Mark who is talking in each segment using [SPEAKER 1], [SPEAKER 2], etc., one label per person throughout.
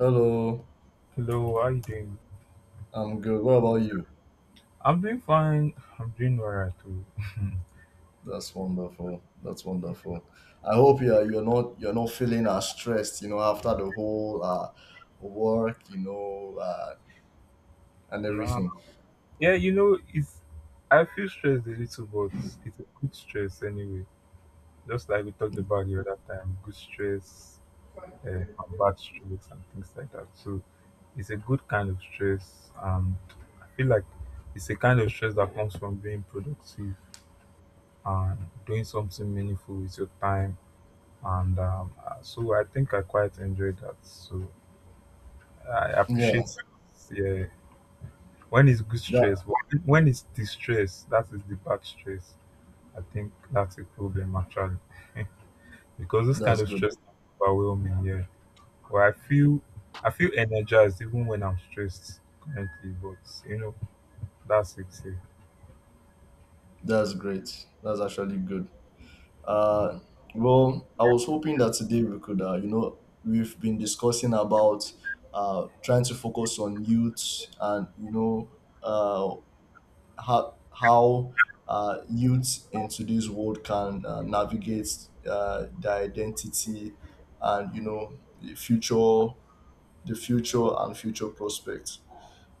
[SPEAKER 1] Hello,
[SPEAKER 2] Hello, how you doing?
[SPEAKER 1] I'm good. What about you?
[SPEAKER 2] I'm doing fine. I'm doing alright too.
[SPEAKER 1] That's wonderful. That's wonderful. I hope you're not you're not feeling as stressed, you know, after the whole work, you know, and
[SPEAKER 2] Nah.
[SPEAKER 1] everything.
[SPEAKER 2] Yeah, you know, it's I feel stressed a little, but it's a good stress anyway. Just like we talked about the other time, good stress and bad stress and things like that. So it's a good kind of stress. I feel like it's a kind of stress that comes from being productive and doing something meaningful with your time. And so I think I quite enjoy that. So I
[SPEAKER 1] Yeah,
[SPEAKER 2] appreciate, yeah, when it's good
[SPEAKER 1] that
[SPEAKER 2] stress, but when it's distress, that is the bad stress. I think that's a problem actually, because this kind
[SPEAKER 1] that's
[SPEAKER 2] of
[SPEAKER 1] good.
[SPEAKER 2] stress can be overwhelming, yeah. But I feel energized even when I'm stressed currently, but that's it. Yeah.
[SPEAKER 1] That's great. That's actually good. Uh, well, I was hoping that today we could, you know, we've been discussing about trying to focus on youth, and you know, uh, how youths in today's world can navigate their identity, and you know, the future the future and future prospects.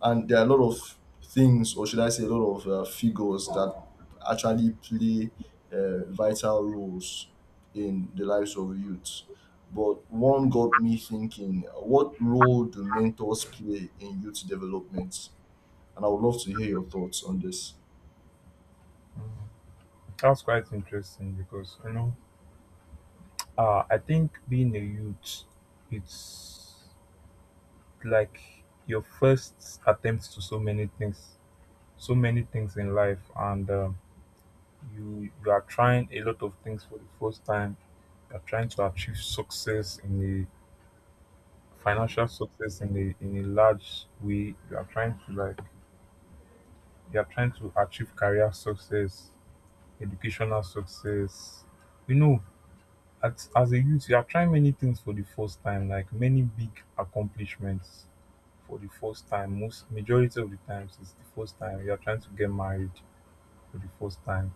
[SPEAKER 1] And there are a lot of things, or should I say a lot of figures that actually play vital roles in the lives of youth. But one got me thinking, what role do mentors play in youth development? And I would love to hear your thoughts on this.
[SPEAKER 2] Mm. That's quite interesting because you know I think being a youth it's like your first attempt to so many things, so many things in life. And you are trying a lot of things for the first time. You're trying to achieve success in a financial success in a large way. You are trying to like you are trying to achieve career success, educational success, you know. As a youth you are trying many things for the first time, like many big accomplishments for the first time. Most majority of the times it's the first time you are trying to get married for the first time.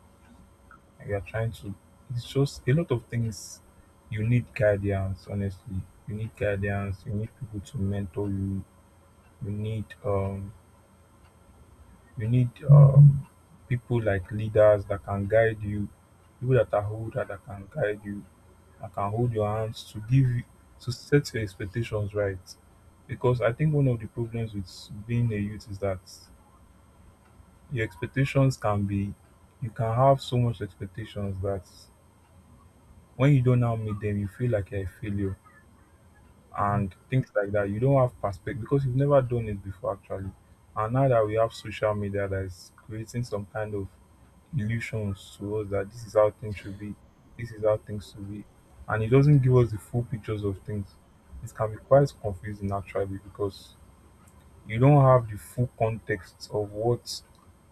[SPEAKER 2] And you're trying to it's just a lot of things. You need guidance honestly. You need guidance, you need people to mentor you. you need um you need people like leaders that can guide you, people that are older that can guide you, that can hold your hands to give you to set your expectations right. Because I think one of the problems with being a youth is that your expectations can be you can have so much expectations that when you don't now meet them, you feel like you're a failure and things like that. You don't have perspective because you've never done it before, actually. And now that we have social media that is creating some kind of illusions to us that this is how things should be, this is how things should be, and it doesn't give us the full pictures of things. It can be quite confusing actually, because you don't have the full context of what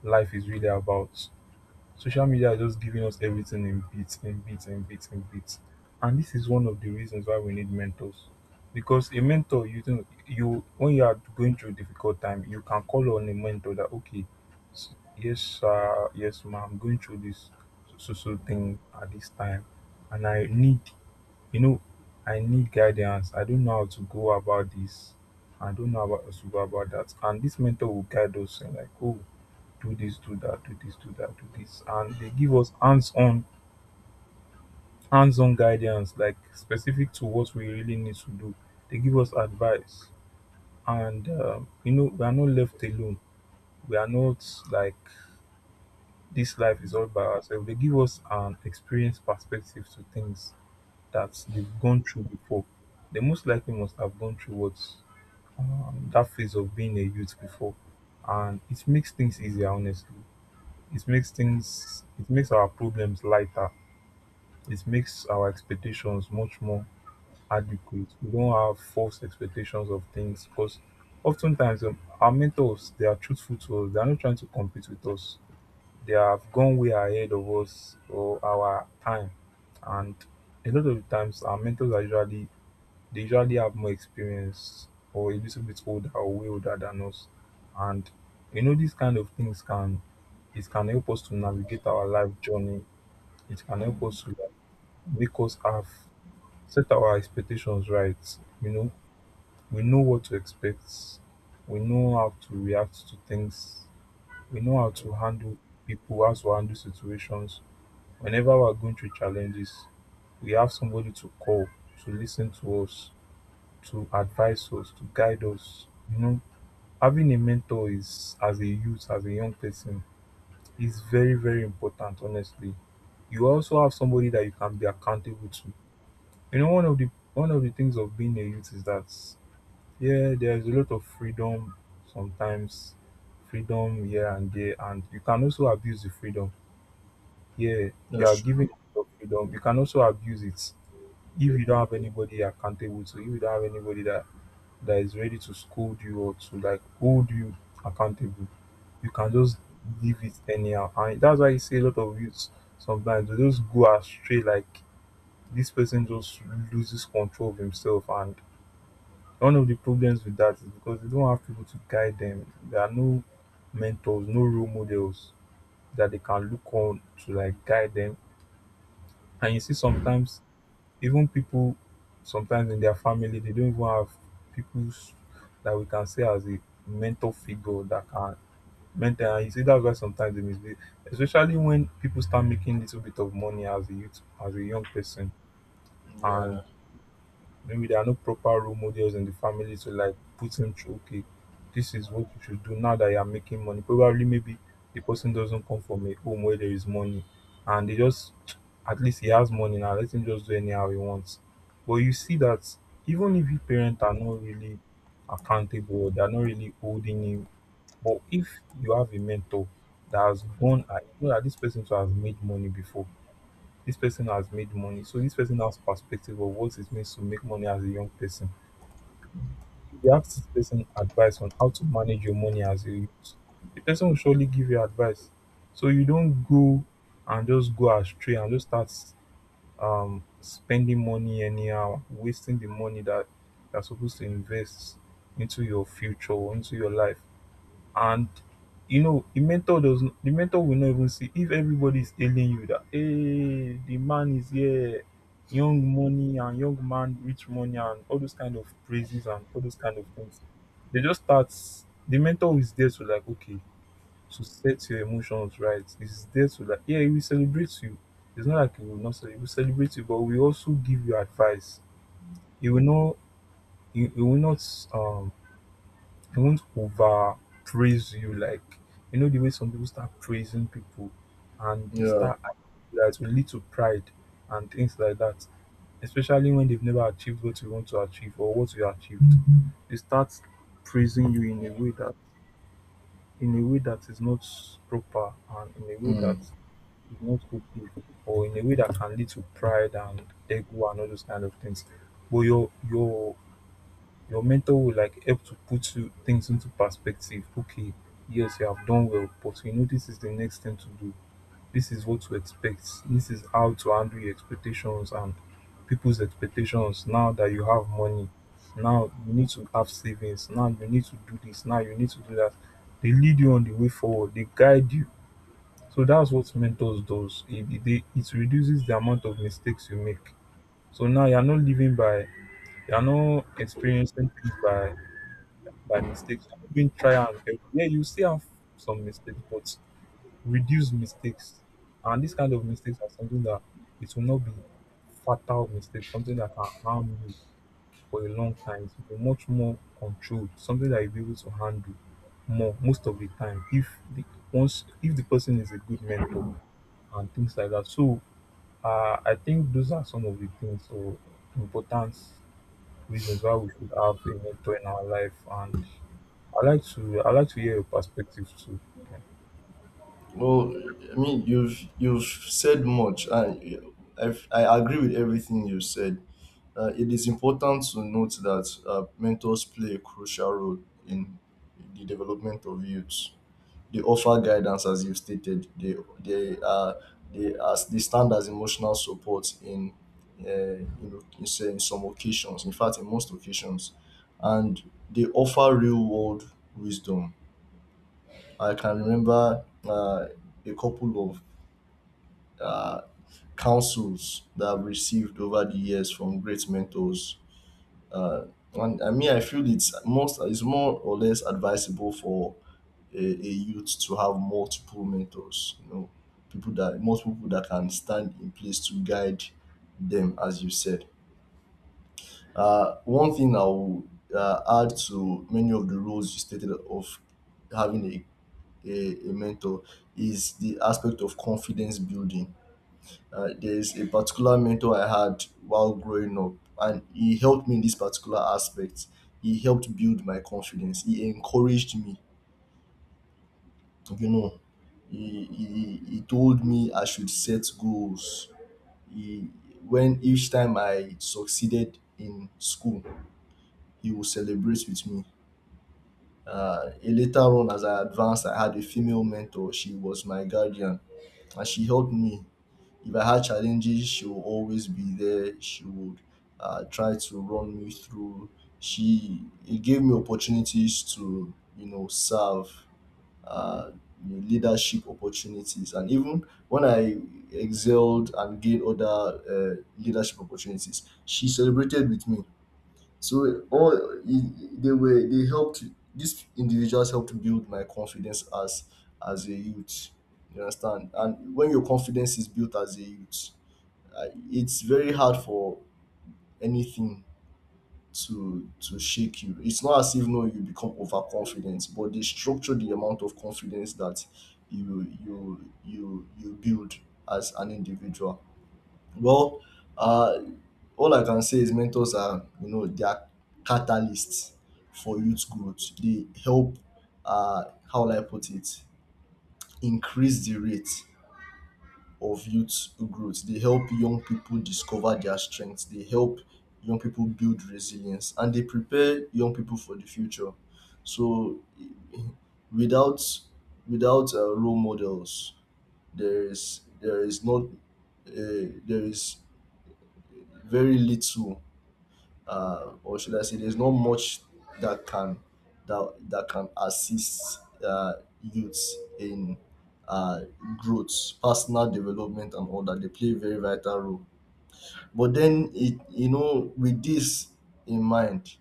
[SPEAKER 2] life is really about. Social media are just giving us everything in bits, in bits, in bits, in bits. And this is one of the reasons why we need mentors. Because a mentor, you think you when you are going through a difficult time, you can call on a mentor that okay, yes sir, yes ma'am, I'm going through this so so so thing at this time, and I need, you know, I need guidance. I don't know how to go about this. I don't know about how to go about that. And this mentor will guide us and like, oh, do this do that do this do that do this, and they give us hands-on guidance like specific to what we really need to do. They give us advice. And you know, we are not left alone. We are not like this life is all by ourselves. They give us an experience perspective to things that they've gone through before. They most likely must have gone through what that phase of being a youth before. And it makes things easier honestly. It makes things it makes our problems lighter. It makes our expectations much more adequate. We don't have false expectations of things because oftentimes our mentors they are truthful to us. They are not trying to compete with us. They have gone way ahead of us or our time, and a lot of the times our mentors are usually they usually have more experience or a little bit older or way older than us. And you know these kind of things can it can help us to navigate our life journey. It can help us to like make us have set our expectations right. You know, we know what to expect. We know how to react to things. We know how to handle people, how to handle situations. Whenever we're going through challenges, we have somebody to call, to listen to us, to advise us, to guide us. You know, having a mentor is, as a youth, as a young person, is very, very important, honestly. You also have somebody that you can be accountable to. You know, one of the things of being a youth is that yeah, there's a lot of freedom sometimes, freedom here and there, and you can also abuse the freedom. Yeah, you are
[SPEAKER 1] Yes.
[SPEAKER 2] given a lot of freedom. You can also abuse it if you don't have anybody you're accountable to, if you don't have anybody that is ready to scold you or to like hold you accountable. You can just leave it anyhow. And that's why you see a lot of youths sometimes they just go astray, like this person just loses control of himself. And one of the problems with that is because they don't have people to guide them. There are no mentors, no role models that they can look on to like guide them. And you see sometimes even people sometimes in their family they don't even have people that we can say as a mentor figure that can mentor. And you see that's why sometimes they misbehave. Especially when people start making little bit of money as a youth, as a young person, and
[SPEAKER 1] Yeah,
[SPEAKER 2] maybe there are no proper role models in the family to like put him through, okay, this is what you should do now that you are making money. Probably, maybe the person doesn't come from a home where there is money, and they just, at least he has money now, let him just do anyhow he wants. But you see that even if your parents are not really accountable, they're not really holding him, but if you have a mentor that has gone, I know that this person too has made money before, this person has made money. So this person has perspective of what it means to make money as a young person. If you ask this person advice on how to manage your money as a youth, the person will surely give you advice. So you don't go and just go astray and just start spending money anyhow, wasting the money that you're supposed to invest into your future or into your life. And you know, the mentor does not, the mentor will not even see if everybody is telling you that hey, the man is here, young money and young man, rich money and all those kind of praises and all those kind of things. They just start the mentor is there to like okay, to set your emotions right. Is there to like yeah, he will celebrate you. It's not like he will not celebrate, he will celebrate you, but we also give you advice. He will not he will not um they won't over praise you like you know the way some people start praising people and they
[SPEAKER 1] yeah.
[SPEAKER 2] start acting that will lead to pride and things like that, especially when they've never achieved what you want to achieve or what you achieved. They start praising you in a way that in a way that is not proper and in a way that is not okay or in a way that can lead to pride and ego and all those kind of things. But your mentor will like help to put you things into perspective. Okay, yes, you have done well, but you know this is the next thing to do. This is what to expect. This is how to handle your expectations and people's expectations now that you have money. Now you need to have savings. Now you need to do this. Now you need to do that. They lead you on the way forward. They guide you. So that's what mentors does. It reduces the amount of mistakes you make. So now you're not living by, you're not experiencing things by mistakes. I've even try and help. Yeah, you still have some mistakes, but reduce mistakes. And this kind of mistakes are something that it will not be fatal mistakes, something that can harm you for a long time. It will be much more controlled, something that you'll be able to handle more most of the time if the once if the person is a good mentor and things like that. So I think those are some of the things or important reasons why we should have a mentor in our life, and I like to hear your perspective too.
[SPEAKER 1] Well, I mean, you've said much, and I agree with everything you said. It is important to note that mentors play a crucial role in the development of youths. They offer guidance, as you've stated. They are, they as they stand as emotional support in in, say, in some occasions. In fact, in most occasions, and they offer real world wisdom. I can remember a couple of uh, counsels that I've received over the years from great mentors. Uh, and I mean, I feel it's more or less advisable for a youth to have multiple mentors. You know, people that multiple people that can stand in place to guide them, as you said. One thing I will add to many of the roles you stated of having a mentor is the aspect of confidence building. There's a particular mentor I had while growing up, and he helped me in this particular aspect. He helped build my confidence. He encouraged me, you know. He told me I should set goals. He, when each time I succeeded in school, he would celebrate with me. Later on, as I advanced, I had a female mentor. She was my guardian and she helped me. If I had challenges, she will always be there. She would try to run me through. She it gave me opportunities to, you know, serve, uh, you know, leadership opportunities, and even when I excelled and gained other leadership opportunities, she celebrated with me. So all they helped. These individuals helped build my confidence as a youth. You understand? And when your confidence is built as a youth, it's very hard for anything to shake you. It's not as if, no, you become overconfident, but they structure the amount of confidence that you build as an individual. Well, uh, all I can say is mentors are, you know, they are catalysts for youth growth. They help, uh how will I put it increase the rate of youth growth. They help young people discover their strengths. They help young people build resilience, and they prepare young people for the future. So, without, role models, there is not, there is very little, or should I say, there's not much that can, that can assist youths in uh, growth, personal development, and all that. They play a very vital role. But then, it, you know, with this in mind,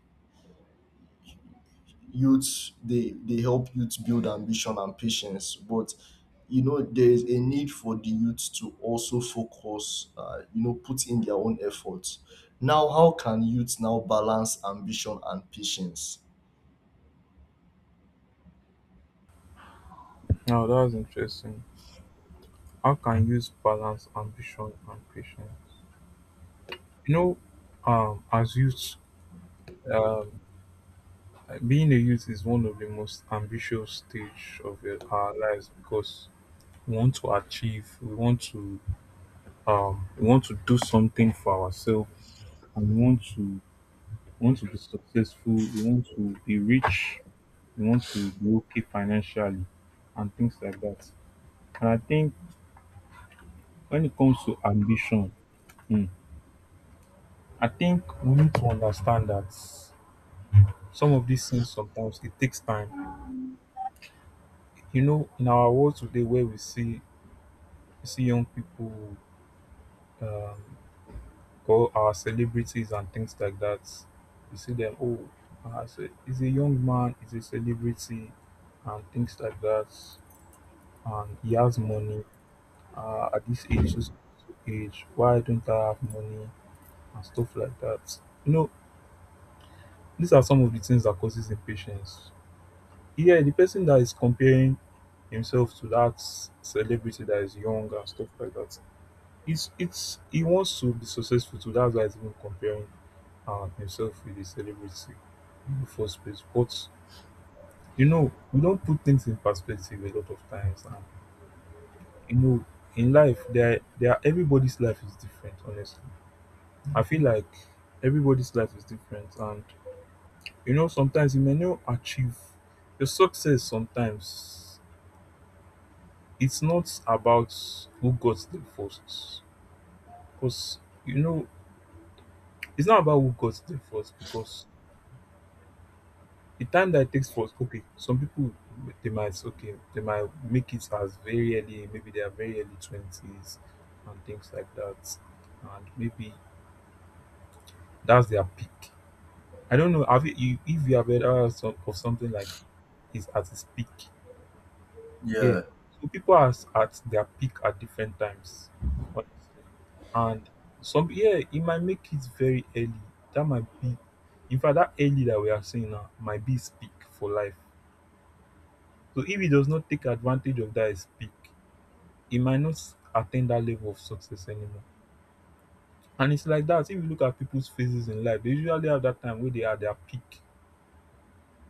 [SPEAKER 1] youths, they help youths build ambition and patience. But you know, there is a need for the youths to also focus, you know, put in their own efforts. Now how can youths now balance ambition and patience?
[SPEAKER 2] Now that's interesting. How can youth balance ambition and patience? You know, as youth, um, being a youth is one of the most ambitious stage of our lives because we want to achieve, we want to do something for ourselves, and we want to be successful. We want to be rich. We want to be okay financially, and things like that. And I think, when it comes to ambition, mm, I think we need to understand that some of these things, sometimes it takes time. You know, in our world today, where we see young people, um, or our celebrities and things like that, you see them. Oh, he's a young man, he's a celebrity, and things like that, and he has money at this age. Why don't I have money and stuff like that? These are some of the things that causes impatience. Yeah, the person that is comparing himself to that celebrity that is young and stuff like that, it's he wants to be successful too. That's why he's even comparing himself with the celebrity in the first place. But you know, we don't put things in perspective a lot of times, and you know, in life, there everybody's life is different. Honestly, I feel like everybody's life is different, and you know, sometimes you may not achieve your success. Sometimes it's not about who got there first, because you know it's not about who got there first. Because the time that it takes for, okay, some people, they might make it as very early, maybe they are very early 20s and things like that, and maybe that's their peak. I don't know. Have if you have heard of of something like is at its peak? Yeah.
[SPEAKER 1] Yeah,
[SPEAKER 2] So people are at their peak at different times, honestly. And some yeah, it might make it very early. That might be, in fact that early that we are seeing now might be his peak for life. So if he does not take advantage of that his peak, he might not attain that level of success anymore. And it's like that. If you look at people's phases in life, they usually have that time where they are at their peak.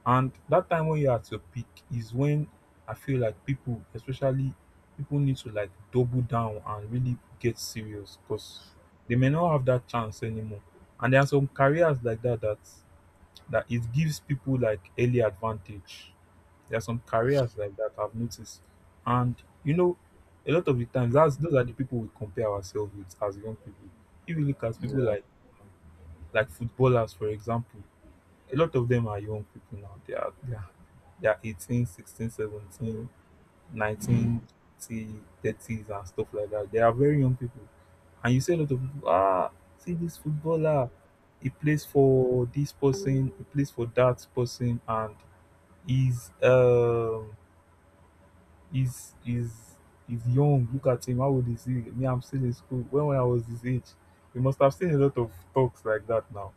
[SPEAKER 2] And that time when you're at your peak is when I feel like people, especially people, need to like double down and really get serious because they may not have that chance anymore. And there are some careers like that that it gives people like early advantage. There are some careers like that I've noticed, and you know, a lot of the times, that's those are the people we compare ourselves with as young people. If you look at people
[SPEAKER 1] yeah.
[SPEAKER 2] like footballers, for example, a lot of them are young people now. They are 18, 16, 30s and stuff like that. They are very young people. And you see a lot of people, ah, see this footballer. He plays for this person, he plays for that person, and he's he's he's he's young. Look at him, how old is he? Me, I'm still in school. When I was his age, you must have seen a lot of talks like that now,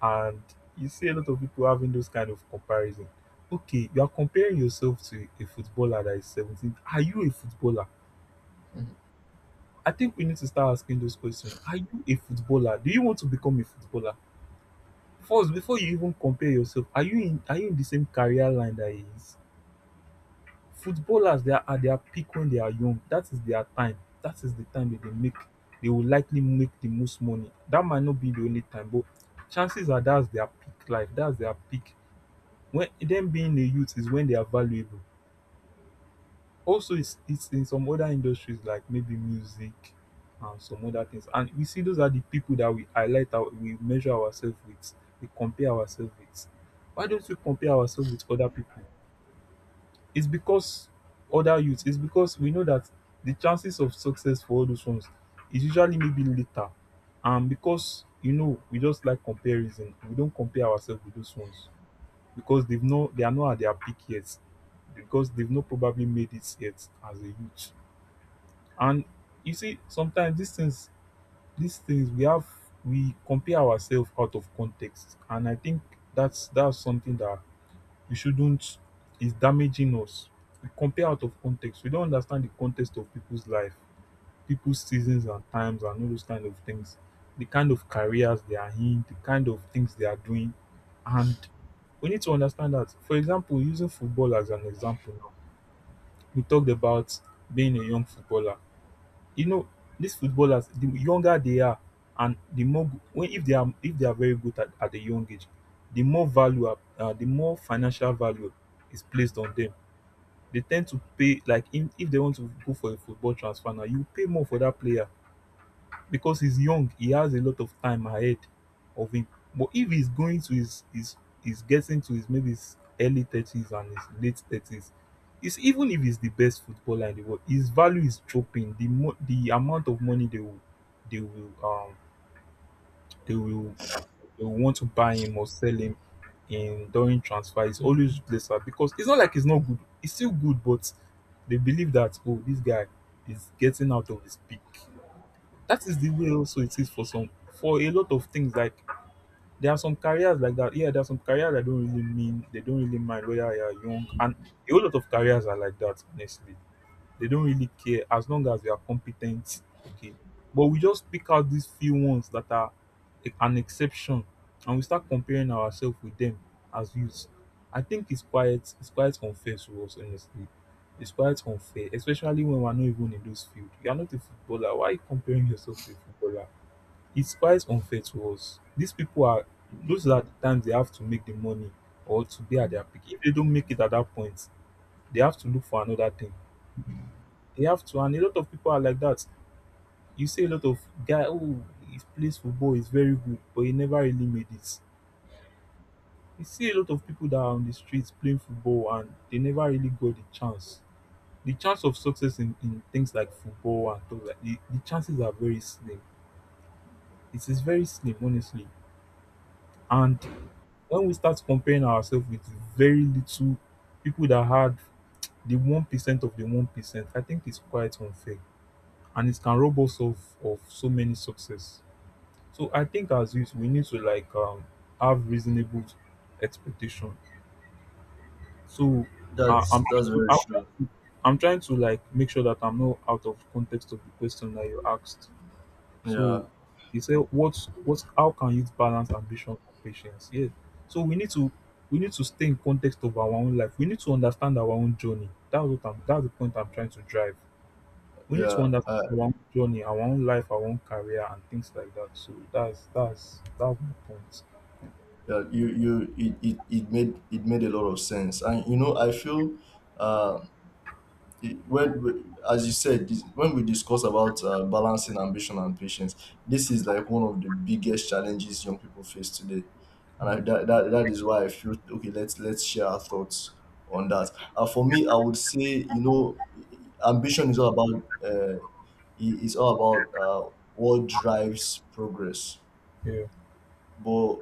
[SPEAKER 2] and you see a lot of people having those kind of comparison. Okay, you are comparing yourself to a footballer that is 17. Are you a footballer?
[SPEAKER 1] Mhm.
[SPEAKER 2] I think we need to start asking those questions. Are you a footballer? Do you want to become a footballer? First, before you even compare yourself, are you in the same career line that he is? Footballers, they are at their peak when they are young. That is their time. That is the time that they will likely make the most money. That might not be the only time, but chances are, that's their peak life. That's their peak when them being a youth is when they are valuable. Also, it's in some other industries like maybe music and some other things. And we see, those are the people that we highlight, we measure ourselves with, we compare ourselves with. Why don't we compare ourselves with other people? It's because other youths, it's because we know that the chances of success for all those ones is usually maybe later. And because, you know, we just like comparison, we don't compare ourselves with those ones because they are not at their peak yet, because they've not probably made it yet as a youth. And you see, sometimes these things, these things we have we compare ourselves out of context, and I think that's something that we shouldn't is damaging us. We compare out of context. We don't understand the context of people's life, people's seasons and times and all those kind of things, the kind of careers they are in, the kind of things they are doing. And we need to understand that. For example, using football as an example now, we talked about being a young footballer. You know, these footballers, the younger they are, and the more when if they are very good at, a young age, the more the more financial value is placed on them. They tend to pay like if they want to go for a football transfer now, you pay more for that player because he's young, he has a lot of time ahead of him. But if he's going to his he's getting to his maybe his early 30s and his late 30s, it's even if he's the best footballer in the world, his value is dropping. The the amount of money they will um they will they will want to buy him or sell him in during transfer is always lesser because it's not like he's not good. He's still good, but they believe that, oh, this guy is getting out of his peak. That is the way also it is for a lot of things. Like there are some careers like that, yeah, there are some careers that don't really mean they don't really mind whether you are young, and a whole lot of careers are like that honestly. They don't really care as long as you are competent. Okay. But we just pick out these few ones that are an exception, and we start comparing ourselves with them as youths. I think it's quite unfair to us, honestly. It's quite unfair, especially when we're not even in those fields. You are not a footballer. Why are you comparing yourself to a footballer? It's quite unfair to us. These people are those are the times they have to make the money or to be at their peak. If they don't make it at that point, they have to look for another thing. You have to, and a lot of people are like that. You see a lot of guy, oh, he plays football, he's very good, but he never really made it. You see a lot of people that are on the streets playing football and they never really got the chance. The chance of success in things like football and stuff like, the chances are very slim. It is very slim, honestly. And when we start comparing ourselves with very little people that had the 1% of the 1%, I think it's quite unfair. And it can rob us of so many success. So I think as youth, we need to like have reasonable expectation. So uh,
[SPEAKER 1] that's
[SPEAKER 2] I'm, trying to,
[SPEAKER 1] very
[SPEAKER 2] I'm trying
[SPEAKER 1] true.
[SPEAKER 2] to I'm trying to like make sure that I'm not out of context of the question that you asked.
[SPEAKER 1] Yeah,
[SPEAKER 2] So you said what's how can youth balance ambition and patience? Yeah. So we need to stay in context of our own life. We need to understand our own journey. That's the point I'm trying to drive. We need to
[SPEAKER 1] yeah,
[SPEAKER 2] understand our own journey, our own life, our own career and things like that. So that's my point.
[SPEAKER 1] yeah, you it made a lot of sense. And you know, I feel, uh it- when we- as you said this, when we discuss about balancing ambition and patience, this is like one of the biggest challenges young people face today. And I,
[SPEAKER 2] Mm,
[SPEAKER 1] that, that that is why I feel, okay, let's share our thoughts on that. Uh, for me, I would say, you know, ambition is all about, is all about what drives progress.
[SPEAKER 2] yeah,
[SPEAKER 1] But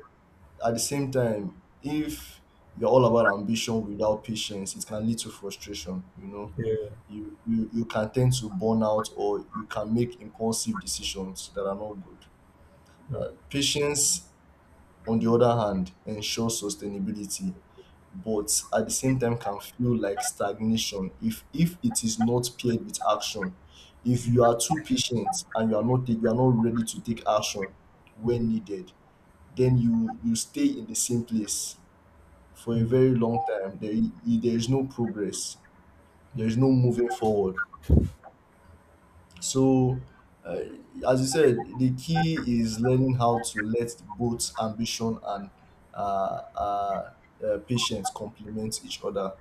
[SPEAKER 1] at the same time, if you're all about ambition without patience, it can lead to frustration. You know,
[SPEAKER 2] yeah,
[SPEAKER 1] you can tend to burn out, or you can make impulsive decisions that are not good.
[SPEAKER 2] yeah.
[SPEAKER 1] Uh, patience, on the other hand, ensures sustainability, but at the same time can feel like stagnation if it is not paired with action. If
[SPEAKER 2] Mm,
[SPEAKER 1] you are too patient and you are not you are not ready to take action when
[SPEAKER 2] mm,
[SPEAKER 1] needed, then you stay in the same place for a
[SPEAKER 2] mm,
[SPEAKER 1] very long time. There, I- there is no progress. There
[SPEAKER 2] mm,
[SPEAKER 1] is no moving forward. So, uh, as you said, the key is learning how to let both ambition and uh, uh, patience complement each other.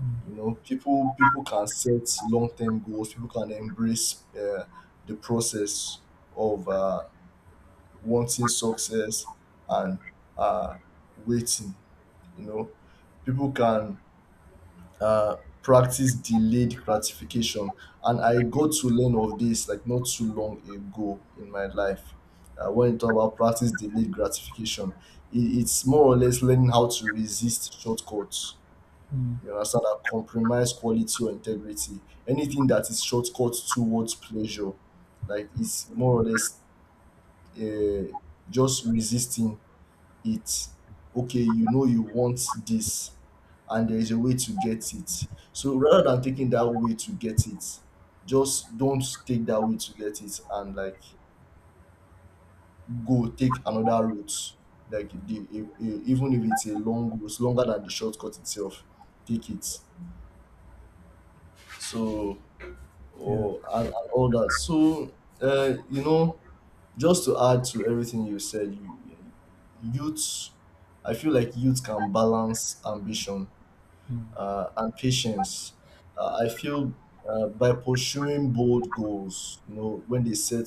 [SPEAKER 2] mm,
[SPEAKER 1] You know, people can set long term goals. People can embrace the process of wanting success and uh, waiting. You know, people can uh, practice delayed gratification. And I got to learn of this like not too long ago in my life. When you talk about practice delayed gratification, it's more or less learning how to resist shortcuts.
[SPEAKER 2] mm.
[SPEAKER 1] You understand, that compromise quality or integrity. Anything that is shortcut towards pleasure, like, it's more or less uh, just resisting it. Okay, you know, you want this, and there is a way to get it. So rather than taking that way to get it, just don't take that way to get it, and like, go take another route. Like even if it's a long route longer than the shortcut itself, take it. So,
[SPEAKER 2] Yeah,
[SPEAKER 1] or and all that. So, you know, just to add to everything you said, youth, I feel like youth can balance ambition
[SPEAKER 2] mm,
[SPEAKER 1] and patience. I feel, by pursuing bold goals, you know, when they set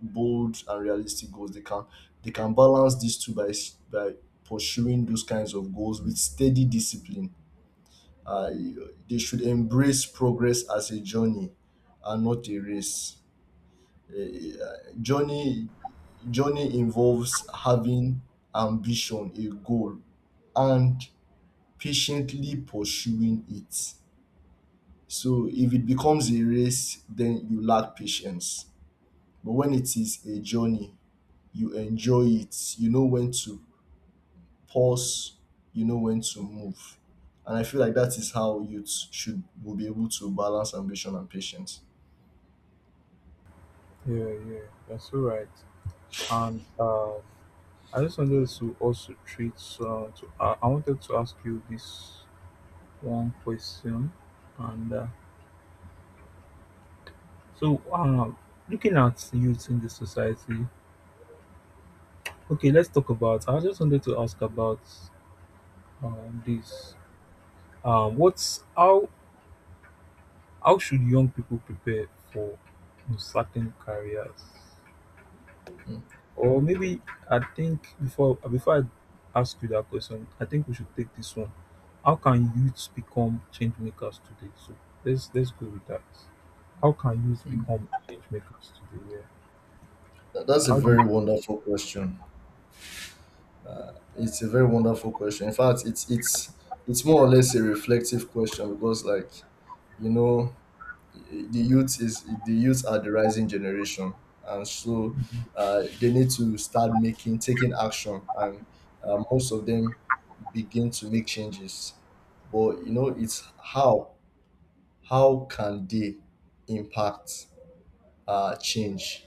[SPEAKER 1] bold and realistic goals, they can, they can balance these two by pursuing those kinds of goals with steady discipline. Uh, they should embrace progress as a journey and not a race. Eh, eh, journey Journey involves having ambition, a goal, and patiently pursuing it. So if it becomes a race, then you lack patience. But when it is a journey, you enjoy it. You know when to pause, you know when to move. And I feel like that is how youth should will be able to balance ambition and patience.
[SPEAKER 2] yeah, yeah. That's all right. And I just wanted to also treat. So, I wanted to ask you this one question. And so, looking at youth in the society. Okay, let's talk about. I just wanted to ask about this. What's how should young people prepare for certain careers? Or maybe, I think, before I ask you that question, I think we should take this one. How can youths become change makers today? So let's go with that. How can youths become change makers today? Yeah.
[SPEAKER 1] Th- that's a
[SPEAKER 2] How do you?
[SPEAKER 1] very wonderful question. It's a very wonderful question. In fact, it's more or less a reflective question. Because like, you know, the youth are the rising generation. And so, they need to start making taking action. And most of them begin to make changes. But you know, it's how can they impact change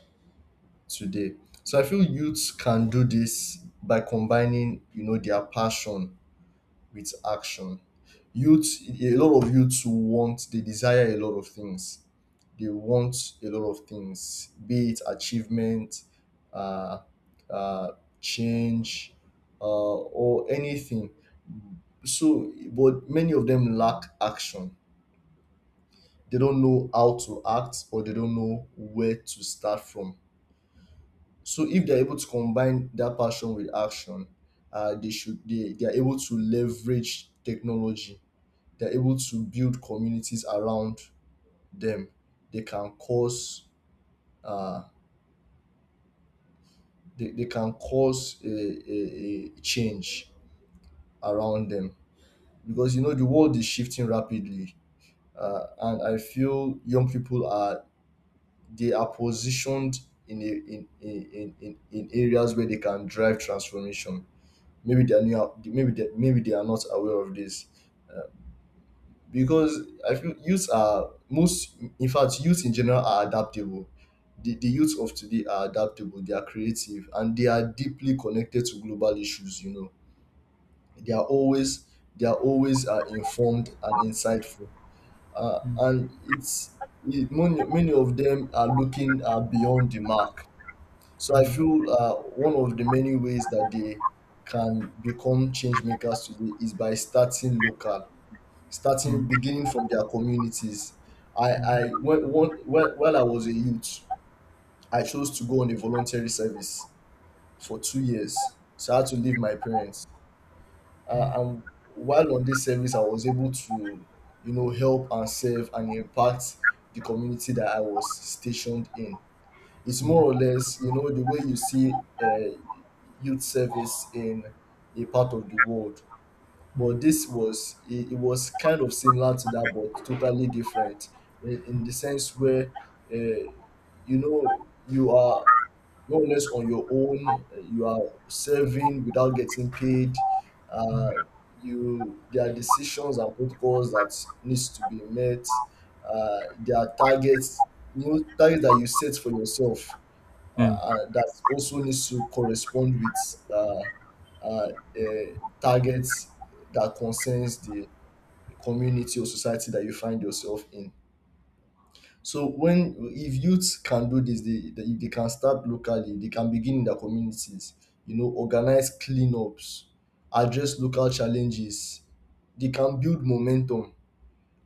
[SPEAKER 1] today? So I feel youths can do this by combining, you know, their passion with action. Youth a lot of youths want, they desire a lot of things. They want a lot of things, be it achievement, uh, uh, change, or anything. So, but many of them lack action. They don't know how to act, or they don't know where to start from. So, if they're able to combine that passion with action, they should, they are able to leverage technology. They're able to build communities around them. They can cause, uh, they can cause a change around them. Because you know, the world is shifting rapidly. And I feel young people are, they are positioned in, a, in, in areas where they can drive transformation. Maybe they are new, maybe maybe they are not aware of this. uh, because I feel youths are most in fact youth in general are adaptable. The youth of today are adaptable, they are creative, and they are deeply connected to global issues. You know, they are always they are always informed and insightful.
[SPEAKER 2] Mm,
[SPEAKER 1] And many, of them are looking beyond the mark. So I
[SPEAKER 2] mm,
[SPEAKER 1] feel, one of the many ways that they can become change makers today is by starting local,
[SPEAKER 2] mm,
[SPEAKER 1] starting
[SPEAKER 2] mm,
[SPEAKER 1] beginning from their communities. I i when, when, when, while I was a youth, I chose to go on a voluntary service for 2 years, so I had to leave my parents.
[SPEAKER 2] mm,
[SPEAKER 1] And while on this service, I was able to, you know, help and serve and impact the community that I was stationed in. It's more or
[SPEAKER 2] mm,
[SPEAKER 1] less, you know, the way you see youth service in a part of the world,
[SPEAKER 2] mm,
[SPEAKER 1] but this was, it was kind of similar to that, but totally different in the sense where, uh, you know, you are more or less on your own. You are serving without getting paid. Uh,
[SPEAKER 2] mm,
[SPEAKER 1] you There are decisions and protocols that needs to be met. There are targets, you know, targets that you set for yourself
[SPEAKER 2] mm.
[SPEAKER 1] that also needs to correspond with uh, uh, targets that concerns the community or society that you find yourself in. So when, if youth can do this, if they can start locally, they can begin in their communities. You know, organize cleanups, address local challenges. They can build momentum.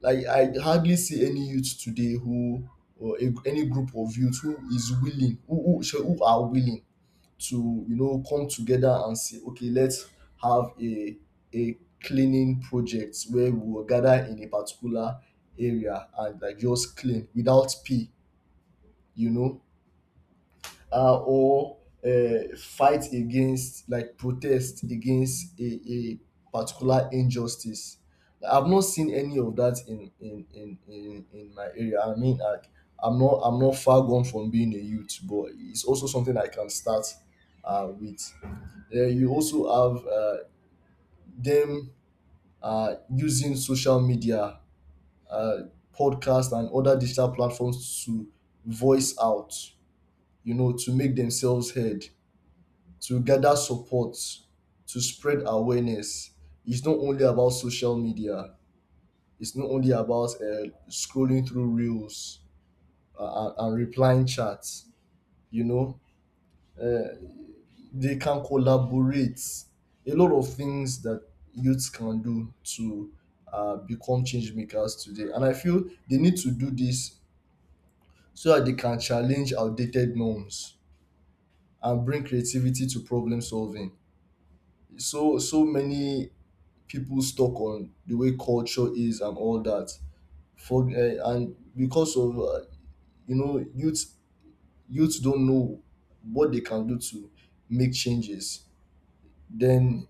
[SPEAKER 1] Like I hardly see any youth today who, any group of youth who is willing, who are willing to, you know, come together and say, okay, let's have a cleaning project where we will gather in a particular area and like just clean without pay, you know, or fight against, like, protest against a particular injustice. I've not seen any of that in in my area. I mean, like, I'm not far gone from being a youth, but it's also something I can start with. You also have them using social media, uh, podcasts, and other digital platforms to voice out, you know, to make themselves heard, to gather support, to spread awareness. It's not only about social media, it's not only about scrolling through reels and replying chats, you know. Uh, they can collaborate. A lot of things that youths can do to become change makers today. And I feel they need to do this so that they can challenge outdated norms and bring creativity to problem solving. So so many people stuck on the way culture is and all that. For and because of, you know, youths don't know what they can do to make changes, then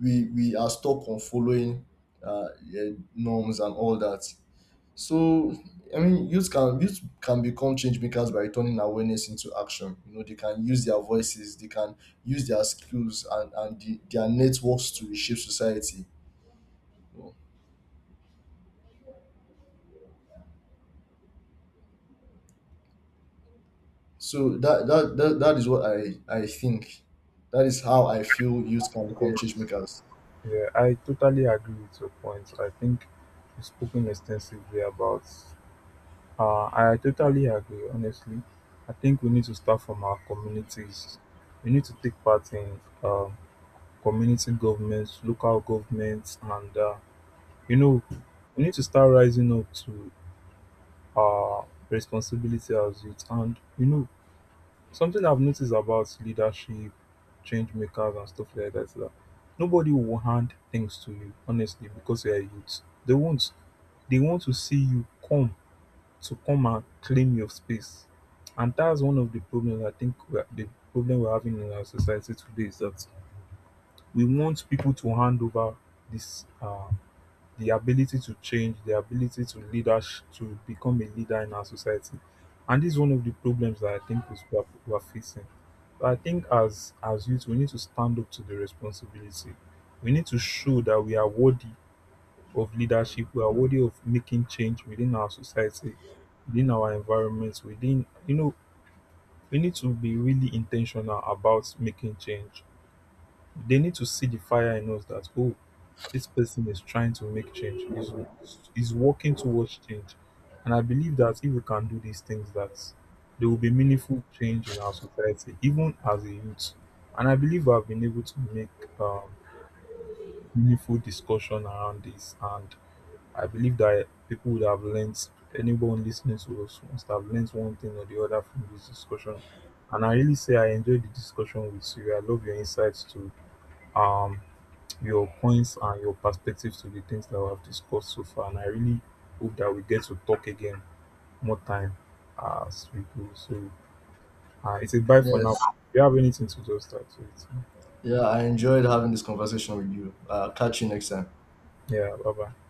[SPEAKER 1] we are stuck on following, yeah, norms and all that. So I mean, youth can become change makers by turning awareness into action. You know, they can use their voices, they can use their skills and their networks to reshape society. So that is what I think. That is how I feel youth can become change
[SPEAKER 2] Yes.
[SPEAKER 1] makers.
[SPEAKER 2] Yeah, I totally agree with your point. I think we've spoken extensively about I totally agree, honestly. I think we need to start from our communities. We need to take part in community governments, local governments, and you know, we need to start rising up to our responsibility as youth. And you know, something I've noticed about leadership, change makers, and stuff like that is that nobody will hand things to you, honestly, because you're a youth. They won't. They want to see you come to come and claim your space. And that's one of the problems, I think the problem we're having in our society today is that we want people to hand over this the ability to change, the ability to leadership, to become a leader in our society. And this is one of the problems that I think we are facing. But I think as youth, we need to stand up to the responsibility. We need to show that we are worthy of leadership, we are worthy of making change within our society, within our environments, we need to be really intentional about making change. They need to see the fire in us that, oh, this person is trying to make change, is working towards change. And I believe that if we can do these things, that there will be meaningful change in our society, even as a youth. And I believe I've been able to make um, meaningful discussion around this, and I believe that people would have learned, anyone listening to us must have learned one thing or the other from this discussion. And I really say I enjoyed the discussion with you. I love your insights to um, your points and your perspectives to the things that we have discussed so far. And I really hope that we get to talk again more time as we go. So it's a bye for now.
[SPEAKER 1] Yes.
[SPEAKER 2] Do you have anything to just start with?
[SPEAKER 1] Yeah, I enjoyed having this conversation with you. Catch you next time.
[SPEAKER 2] Yeah, bye bye.